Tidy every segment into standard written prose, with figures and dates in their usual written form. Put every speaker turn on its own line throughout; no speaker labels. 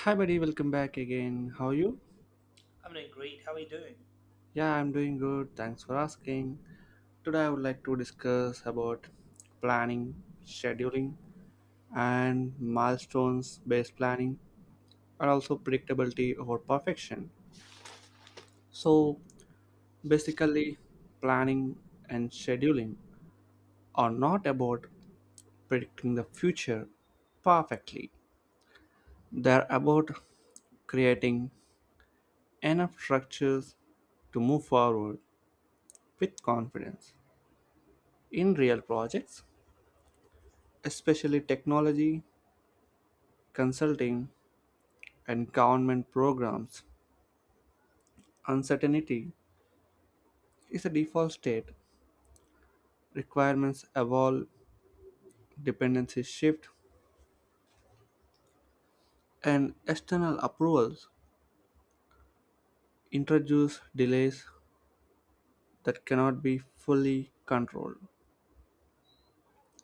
Hi, buddy, welcome back again. How are you?
I'm doing great. How are you doing?
Yeah, I'm doing good. Thanks for asking. Today, I would like to discuss about planning, scheduling, and milestones based planning, and also predictability over perfection. So, basically, planning and scheduling are not about predicting the future perfectly. They're about creating enough structures to move forward with confidence. In real projects, especially technology, consulting, and government programs, uncertainty is a default state. Requirements evolve, dependencies shift, and external approvals introduce delays that cannot be fully controlled.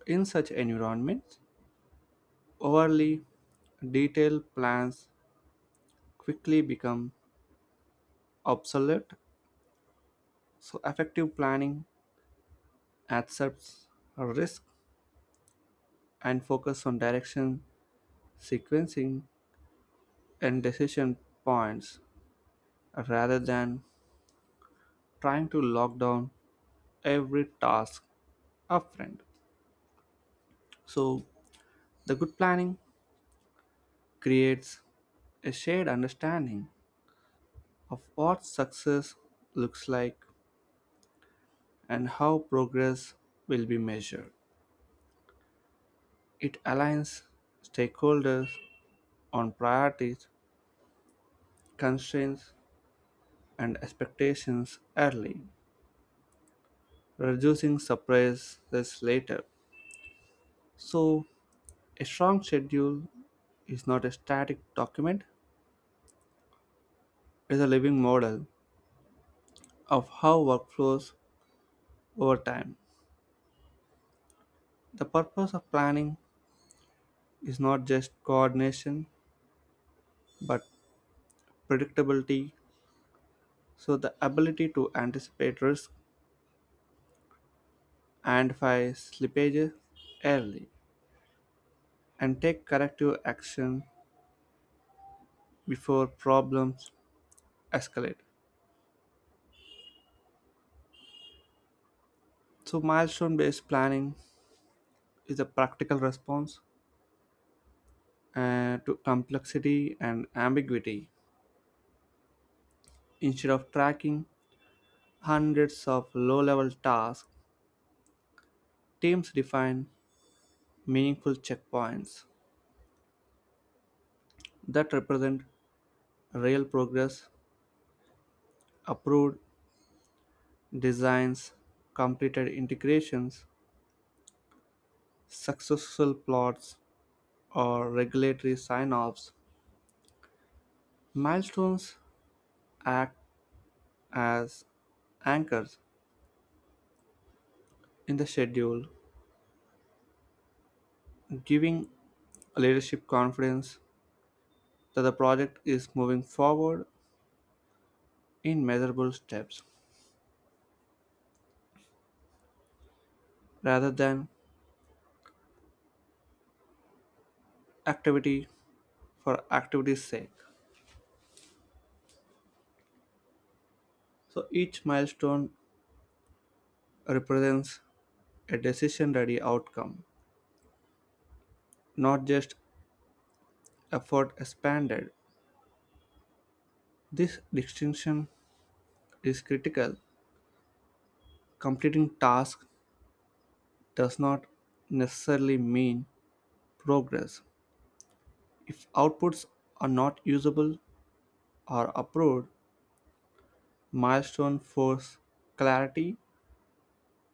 In such environments, overly detailed plans quickly become obsolete, so effective planning accepts risk and focus on direction, sequencing, and decision points rather than trying to lock down every task upfront. So, the good planning creates a shared understanding of what success looks like and how progress will be measured. It aligns stakeholders on priorities, constraints, and expectations early, reducing surprises later. So, a strong schedule is not a static document. It is a living model of how work flows over time. The purpose of planning is not just coordination but predictability, so the ability to anticipate risk, identify slippages early, and take corrective action before problems escalate. So, milestone based planning is a practical response to complexity and ambiguity. Instead of tracking hundreds of low level tasks, teams define meaningful checkpoints that represent real progress, approved designs, completed integrations, successful plots, or regulatory sign offs. Milestones act as anchors in the schedule, giving leadership confidence that the project is moving forward in measurable steps rather than activity for activity's sake. So each milestone represents a decision ready outcome, not just effort expanded. This distinction is critical. Completing tasks does not necessarily mean progress. If outputs are not usable or approved, milestone force clarity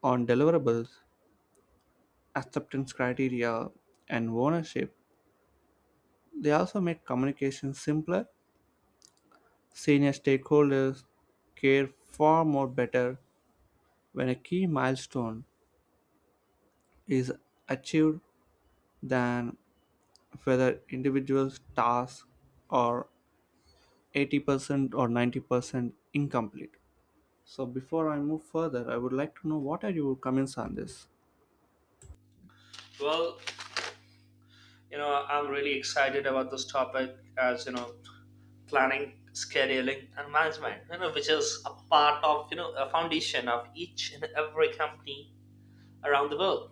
on deliverables, acceptance criteria, and ownership. They also make communication simpler. Senior stakeholders care far more better when a key milestone is achieved than whether individual tasks are 80% or 90% incomplete. So before I move further, I would like to know what are your comments on this?
Well, I'm really excited about this topic as, planning, scheduling, and management, which is a part of, a foundation of each and every company around the world.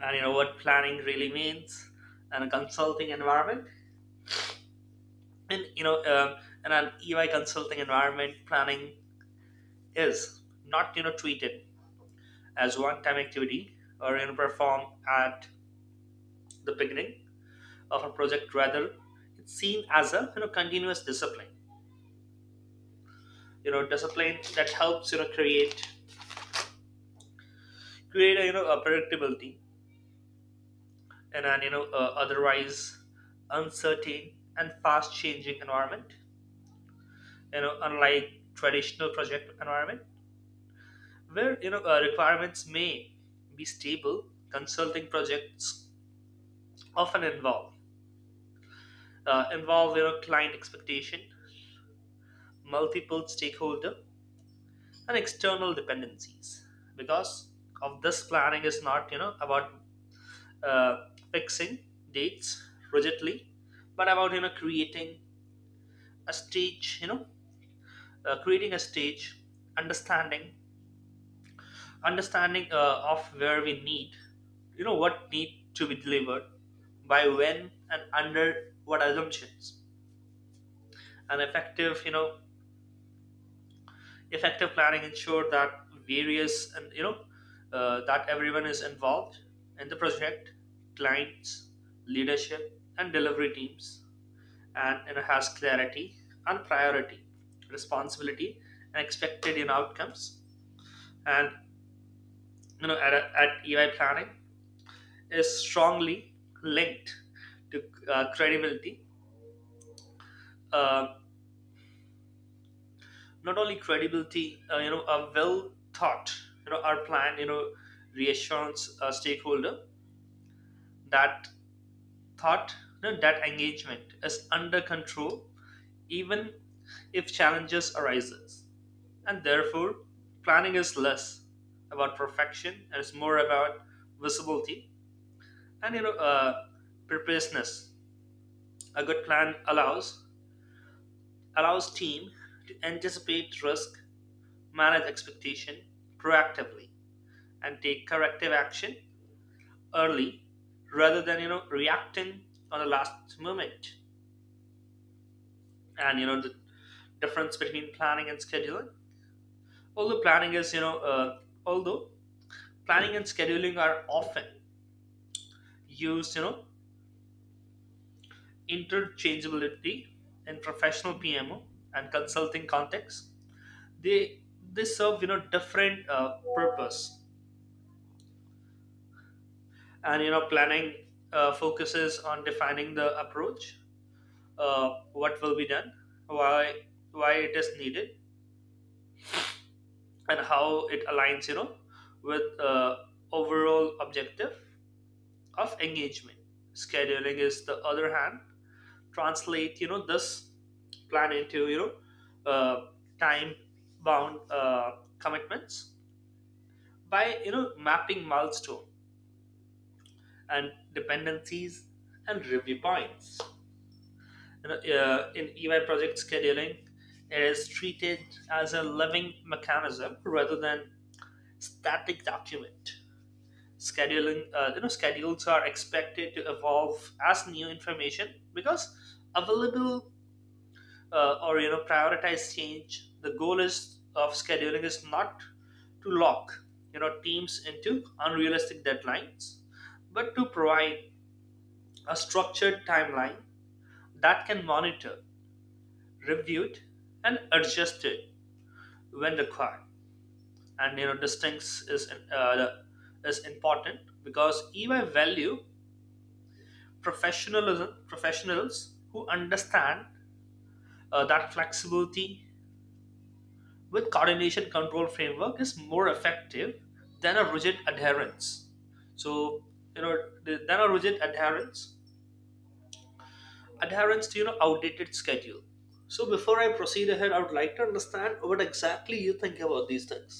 And, what planning really means in a consulting environment. And, in an EY consulting environment, planning is not, treated as one time activity or, performed at the beginning of a project, rather it's seen as a continuous discipline that helps create a a predictability and an otherwise uncertain and fast changing environment, unlike traditional project environment, where requirements may be stable, consulting projects often involve client expectation, multiple stakeholder, and external dependencies. Because of this, planning is not about uh, fixing dates rigidly, but about creating a stage understanding, of where we need, what need to be delivered by when and under what assumptions. And effective effective planning ensured that various and that everyone is involved in the project, clients, leadership and delivery teams, and it has clarity and priority, responsibility, and expected in outcomes. And at EY, planning is strongly linked to credibility. uh, Not only credibility, a well thought our plan reassurance a stakeholder that thought no, that engagement is under control, even if challenges arises. And therefore planning is less about perfection, and it's more about visibility and preparedness. A good plan allows team to anticipate risk, manage expectation proactively, and take corrective action early, rather than reacting on the last moment. And the difference between planning and scheduling, although planning is you know although planning and scheduling are often used interchangeability in professional PMO and consulting context, they they serve different purpose. And planning focuses on defining the approach, uh, what will be done, why why it is needed, and how it aligns with overall objective of engagement. Scheduling is the other hand, translate this plan into time bound commitments by mapping milestone and dependencies and review points. In EY project scheduling, it is treated as a living mechanism rather than static document. Scheduling schedules are expected to evolve as new information because available, or prioritize change. The goal is of scheduling is not to lock teams into unrealistic deadlines, but to provide a structured timeline that can monitor, reviewed, and adjusted when required. And distinct is uh, is important because EY value professionalism professionals who understand that flexibility with coordination control framework is more effective than a rigid adherence. So you know than a rigid adherence to outdated schedule. So before I proceed ahead, I would like to understand what exactly you think about these things.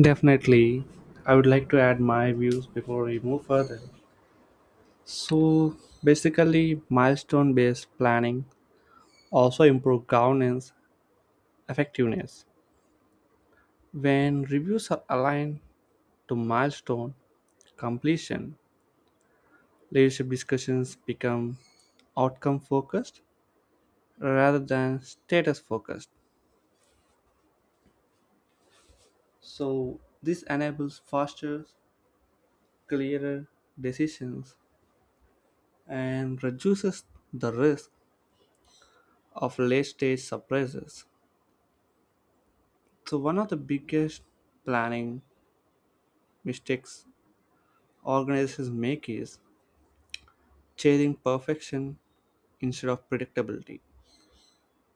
Definitely. I would like to add my views before we move further. So, basically, milestone based planning also improve governance effectiveness. When reviews are aligned to milestone completion, leadership discussions become outcome focused rather than status focused. So, this enables faster, clearer decisions and reduces the risk of late stage surprises. So, one of the biggest planning mistakes organizations make is chasing perfection instead of predictability.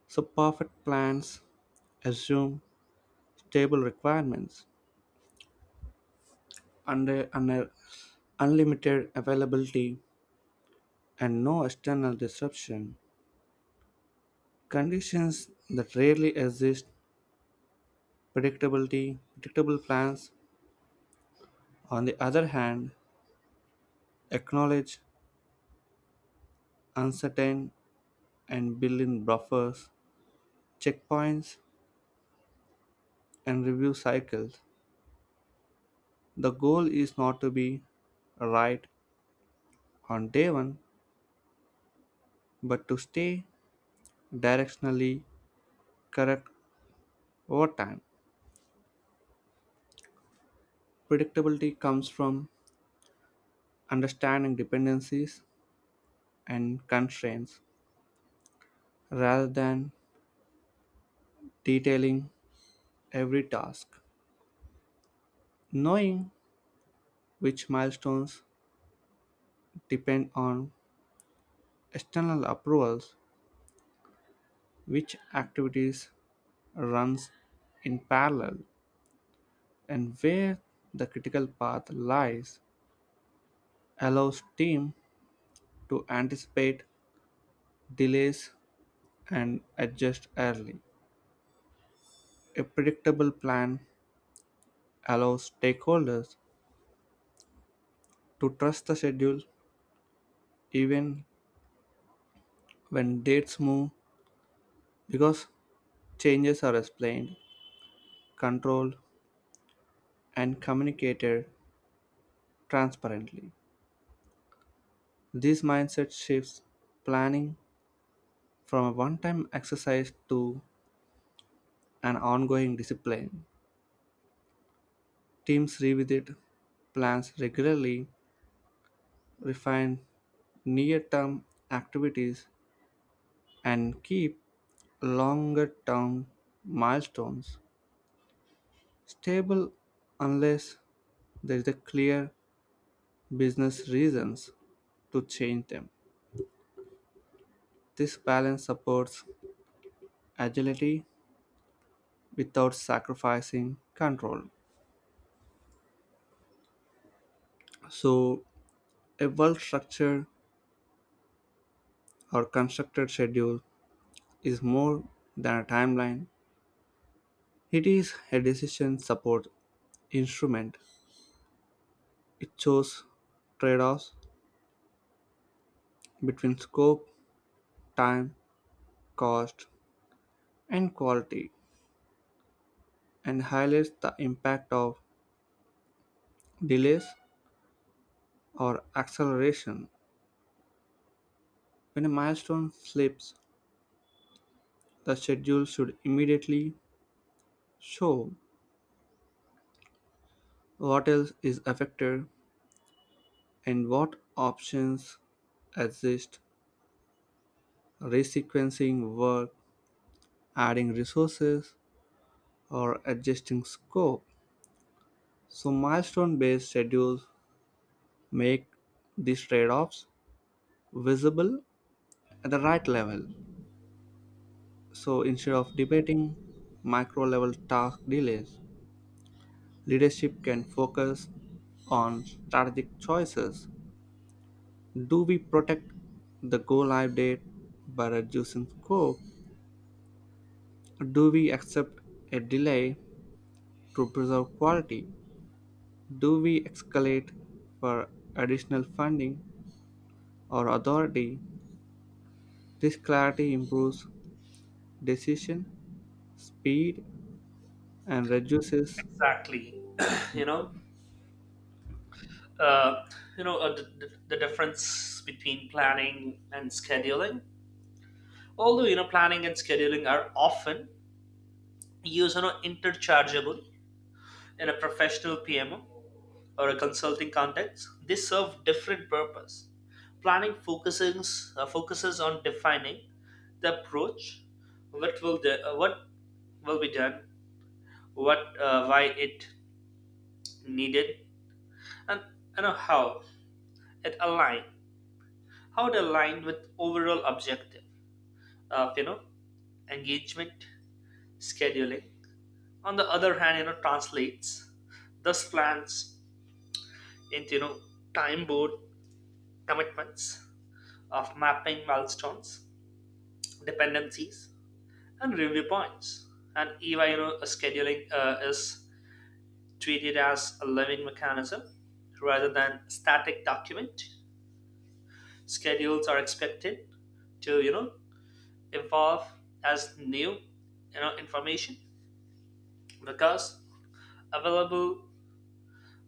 So, perfect plans assume stable requirements under unlimited availability and no external disruption. Conditions that rarely exist, predictability, predictable plans, on the other hand, acknowledge uncertain and build in buffers, checkpoints, and review cycles. The goal is not to be right on day one, but to stay directionally correct over time. Predictability comes from understanding dependencies and constraints rather than detailing every task. Knowing which milestones depend on external approvals, which activities runs in parallel, and where the critical path lies allows team to anticipate delays and adjust early. A predictable plan allows stakeholders to trust the schedule even when dates move because changes are explained, controlled, and communicated transparently. This mindset shifts planning from a one time exercise to an ongoing discipline. Teams revisit plans regularly, refine near term activities, and keep longer term milestones stable unless there is a clear business reasons to change them. This balance supports agility without sacrificing control. So, a well structured or constructed schedule is more than a timeline. It is a decision support instrument. It shows trade offs between scope, time, cost, and quality and highlights the impact of delays or acceleration. When a milestone slips, the schedule should immediately show what else is affected and what options exist. Resequencing work, adding resources, or adjusting scope. So, milestone based schedules make these trade offs visible at the right level. So, instead of debating micro level task delays, leadership can focus on strategic choices. Do we protect the go live date by reducing scope? Do we accept a delay to preserve quality? Do we escalate for additional funding or authority? This clarity improves decision speed and reduces.
Exactly. you know uh, the difference between planning and scheduling, although planning and scheduling are often used are interchangeable in a professional PMO or a consulting context. They serve different purpose. Planning focuses on defining the approach, what will be done, what why it needed, and you know how it aligned, how it aligned with overall objective of engagement. Scheduling, on the other hand, translates those plans into time board commitments of mapping milestones, dependencies, and review points. And even scheduling is treated as a living mechanism rather than static document. Schedules are expected to evolve as new information because available,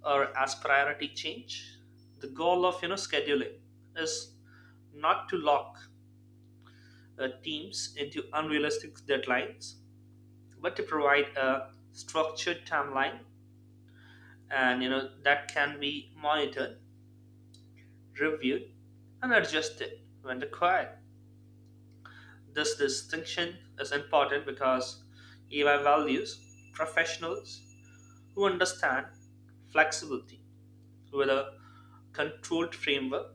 or as priority change. The goal of scheduling is not to lock teams into unrealistic deadlines, but to provide a structured timeline, and that can be monitored, reviewed, and adjusted when required. This distinction is important because EI values professionals who understand flexibility with a controlled framework,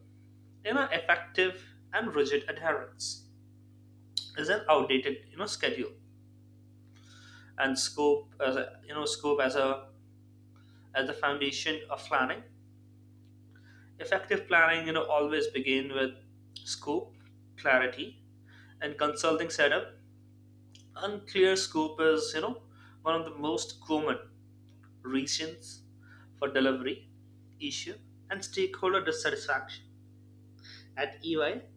effective, and rigid adherence is an outdated schedule. And scope as a as the foundation of planning. Effective planning, always begin with scope, clarity, and consulting setup. Unclear scope is, one of the most common reasons for delivery issue and stakeholder dissatisfaction. At EY,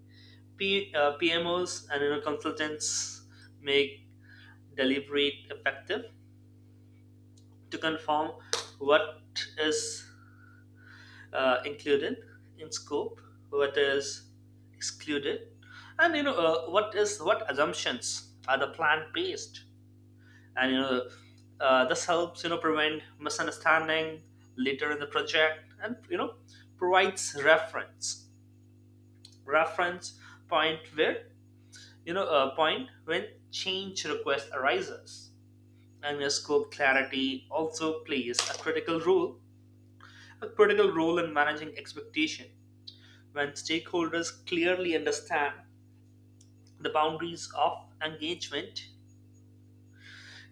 PMOs and consultants make deliberate effective to confirm what is included in scope, what is excluded, and what assumptions are the plan based, and this helps prevent misunderstanding later in the project, and provides reference point where you know a point when change request arises. And the scope clarity also plays a critical role in managing expectation. When stakeholders clearly understand the boundaries of engagement,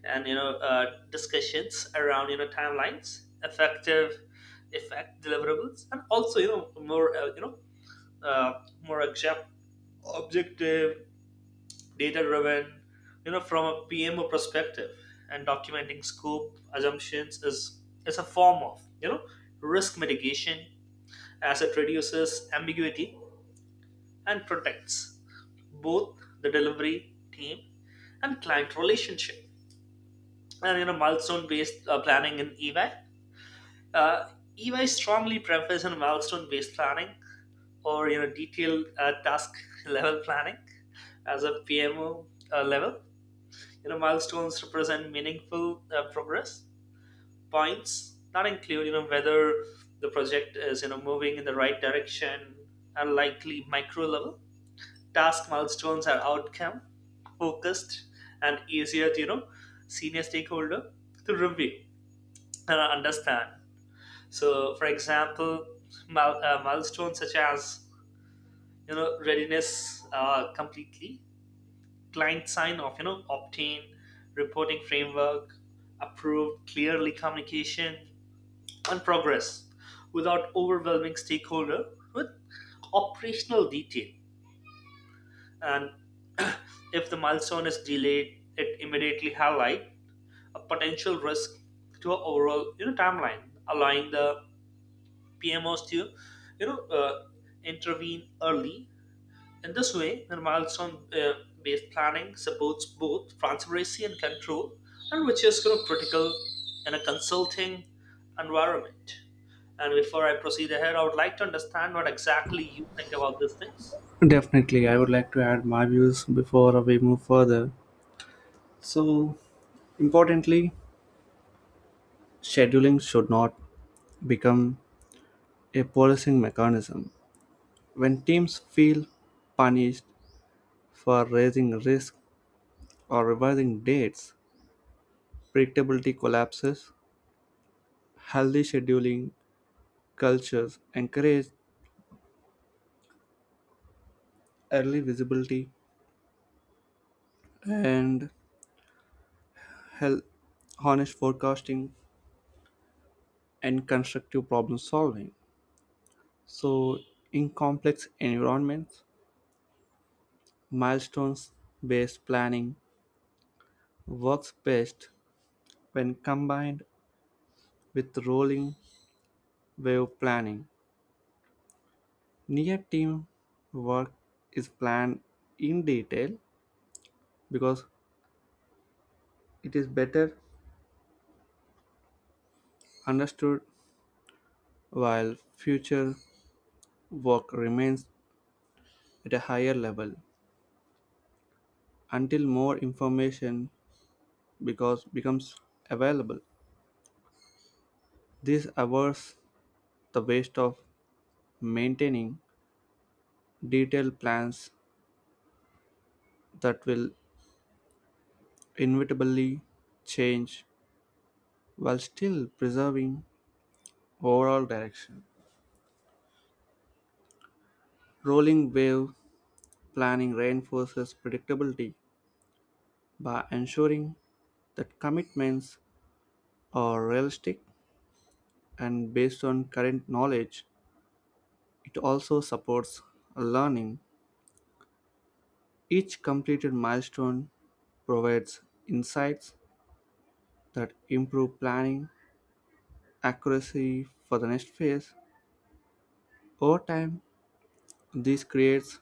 and discussions around timelines, effect deliverables, and also you know more object, objective, data driven, from a PMO perspective. And documenting scope assumptions is a form of risk mitigation, as it reduces ambiguity and protects both the delivery team and client relationship. And milestone-based planning in EY. Uh, EY strongly prefers on milestone-based planning or detailed task-level planning as a PMO level. Milestones represent meaningful progress points that include whether the project is moving in the right direction, and likely micro level task milestones are outcome focused and easier to senior stakeholder to review and understand. So for example, milestones such as readiness completely, client sign off obtain, reporting framework approved, clearly communication and progress without overwhelming stakeholder with operational detail. And if the milestone is delayed, it immediately highlight a potential risk to our overall timeline, allowing the PMOs to you know uh, intervene early. In this way, the milestone based planning supports both transparency and control, and which is kind of critical in a consulting environment. And before I proceed ahead, I would like to understand what exactly you think about these things.
Definitely, I would like to add my views before we move further. So, importantly, scheduling should not become a policing mechanism. When teams feel punished for raising risk or revising dates, predictability collapses. Healthy scheduling cultures encourage early visibility and hel- honest forecasting and constructive problem solving. So, in complex environments, milestones based planning works best when combined with rolling wave planning. Near team work is planned in detail because it is better understood while future work remains at a higher level until more information because becomes available. This avoids the waste of maintaining detailed plans that will inevitably change while still preserving overall direction. Rolling wave planning reinforces predictability by ensuring that commitments are realistic and based on current knowledge. It also supports learning. Each completed milestone provides insights that improve planning accuracy for the next phase. Over time, this creates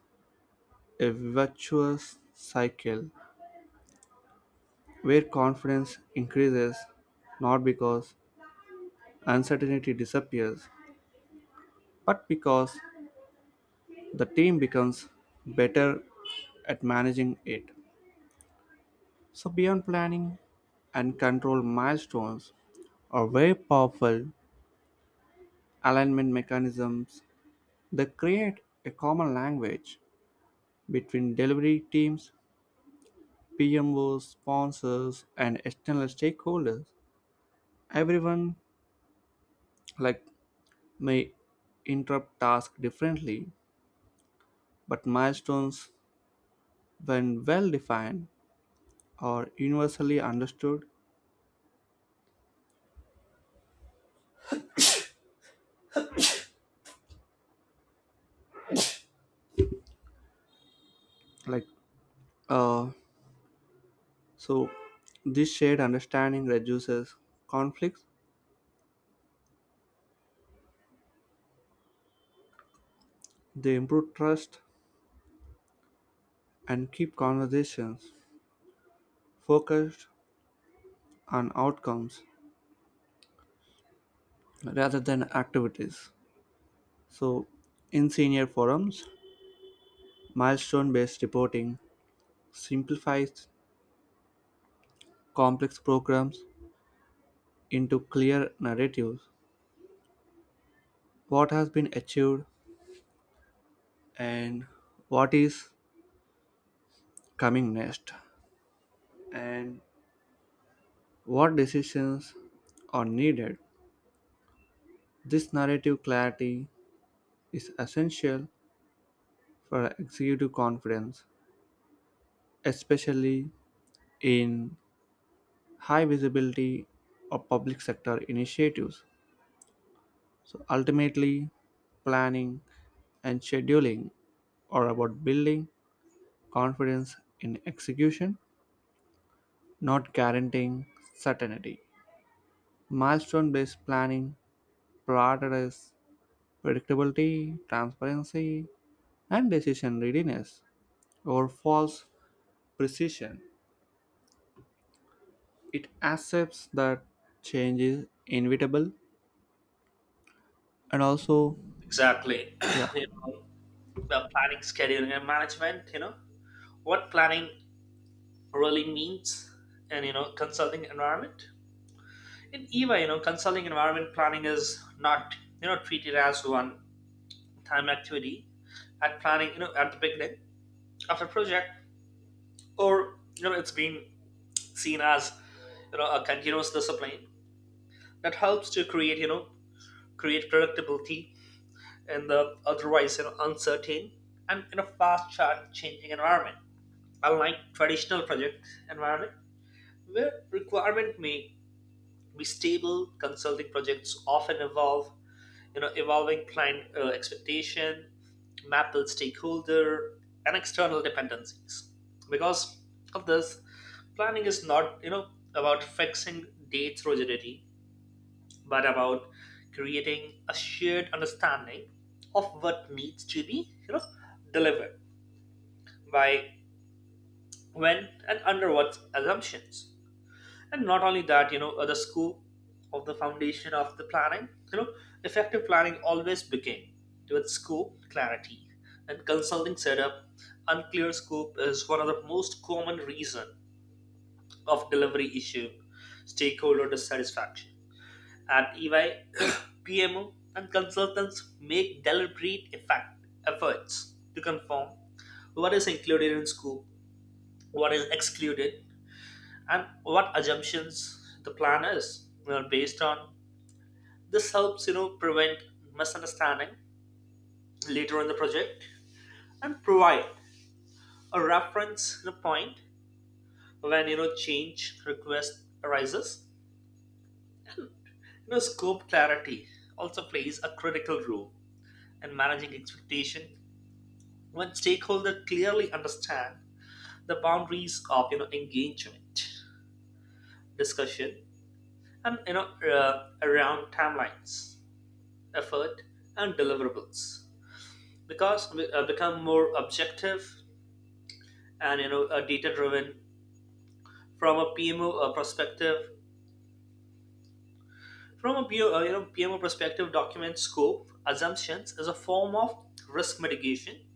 a virtuous cycle where confidence increases not because uncertainty disappears, but because the team becomes better at managing it. So, beyond planning and control, milestones are very powerful alignment mechanisms that create a common language between delivery teams, PMOs, sponsors, and external stakeholders. Everyone like may interrupt tasks differently, but milestones, when well defined, are universally understood. Like uh, So, this shared understanding reduces conflicts, they improve trust, and keep conversations focused on outcomes rather than activities. So, in senior forums, milestone based reporting simplifies complex programs into clear narratives: what has been achieved, and what is coming next, and what decisions are needed. This narrative clarity is essential for executive confidence, especially in high visibility or public sector initiatives. So ultimately, planning and scheduling are about building confidence in execution, not guaranteeing certainty. Milestone based planning prioritizes predictability, transparency, and decision readiness over false precision. It accepts that change is inevitable and also
Exactly.
yeah.
you know, the planning scheduling and management, what planning really means, and consulting environment. In EVA, consulting environment, planning is not treated as one time activity, at planning at the beginning of a project, or it's being seen as a continuous discipline that helps to create predictability in the otherwise uncertain and in a fast chart changing environment. Unlike traditional project environment, where requirement may be stable, consulting projects often evolve. Evolving client expectation, Maple stakeholder, and external dependencies. Because of this, planning is not about fixing dates rigidity, but about creating a shared understanding of what needs to be you know delivered by when and under what assumptions. And not only that, the scope of the foundation of the planning. Effective planning always begin with scope clarity and consulting setup. Unclear scope is one of the most common reason of delivery issue, stakeholder dissatisfaction. At EY PMO, and consultants make efforts to confirm what is included in scope, what is excluded, and what assumptions the plan is based on. This helps prevent misunderstanding later in the project, and provide a reference point when change request arises. Scope clarity also plays a critical role in managing expectation, when stakeholders clearly understand the boundaries of engagement, discussion, and around timelines, effort, and deliverables. Because we become more objective and data driven from a PMO perspective. From a P O, you know PMO perspective, document scope assumptions is a form of risk mitigation,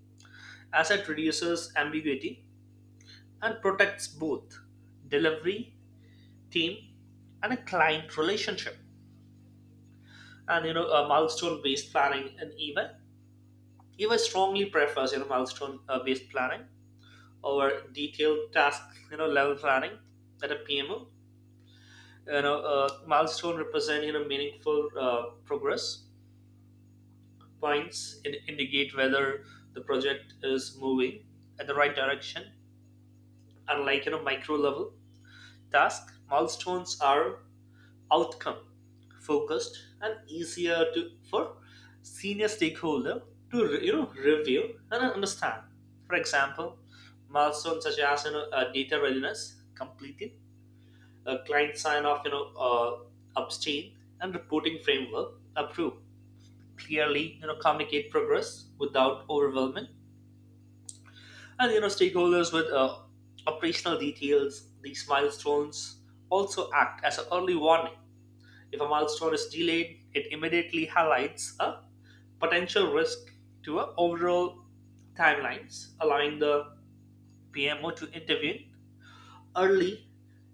as it reduces ambiguity and protects both delivery team and a client relationship. And milestone based planning, and even strongly prefers milestone based planning over detailed task level planning at a PMO. Milestone represent meaningful progress points and indicate whether the project is moving at the right direction, unlike micro level task. Milestones are outcome focused and easier to for senior stakeholder to review and understand. For example, milestones such as data readiness completed, a client sign off, upstream and reporting framework approved. Clearly, communicate progress without overwhelming, and stakeholders with operational details. These milestones also act as an early warning. If a milestone is delayed, it immediately highlights a potential risk to a overall timelines, allowing the PMO to intervene early.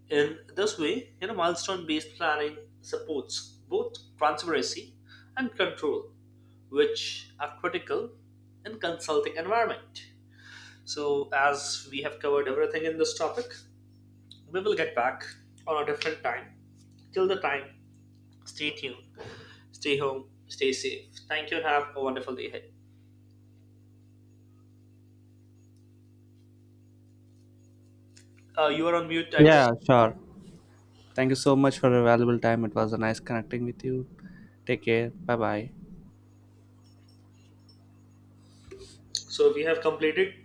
In this way, milestone based planning supports both transparency and control, which are critical in consulting environment. So, as we have covered everything in this topic, we will get back on a different time. Till the time, stay tuned, stay home, stay safe. Thank you, and have a wonderful day ahead. You are on mute, I guess.
Yeah, sure. Thank you so much for your valuable time. It was a nice connecting with you. Take care. Bye bye.
So, we have completed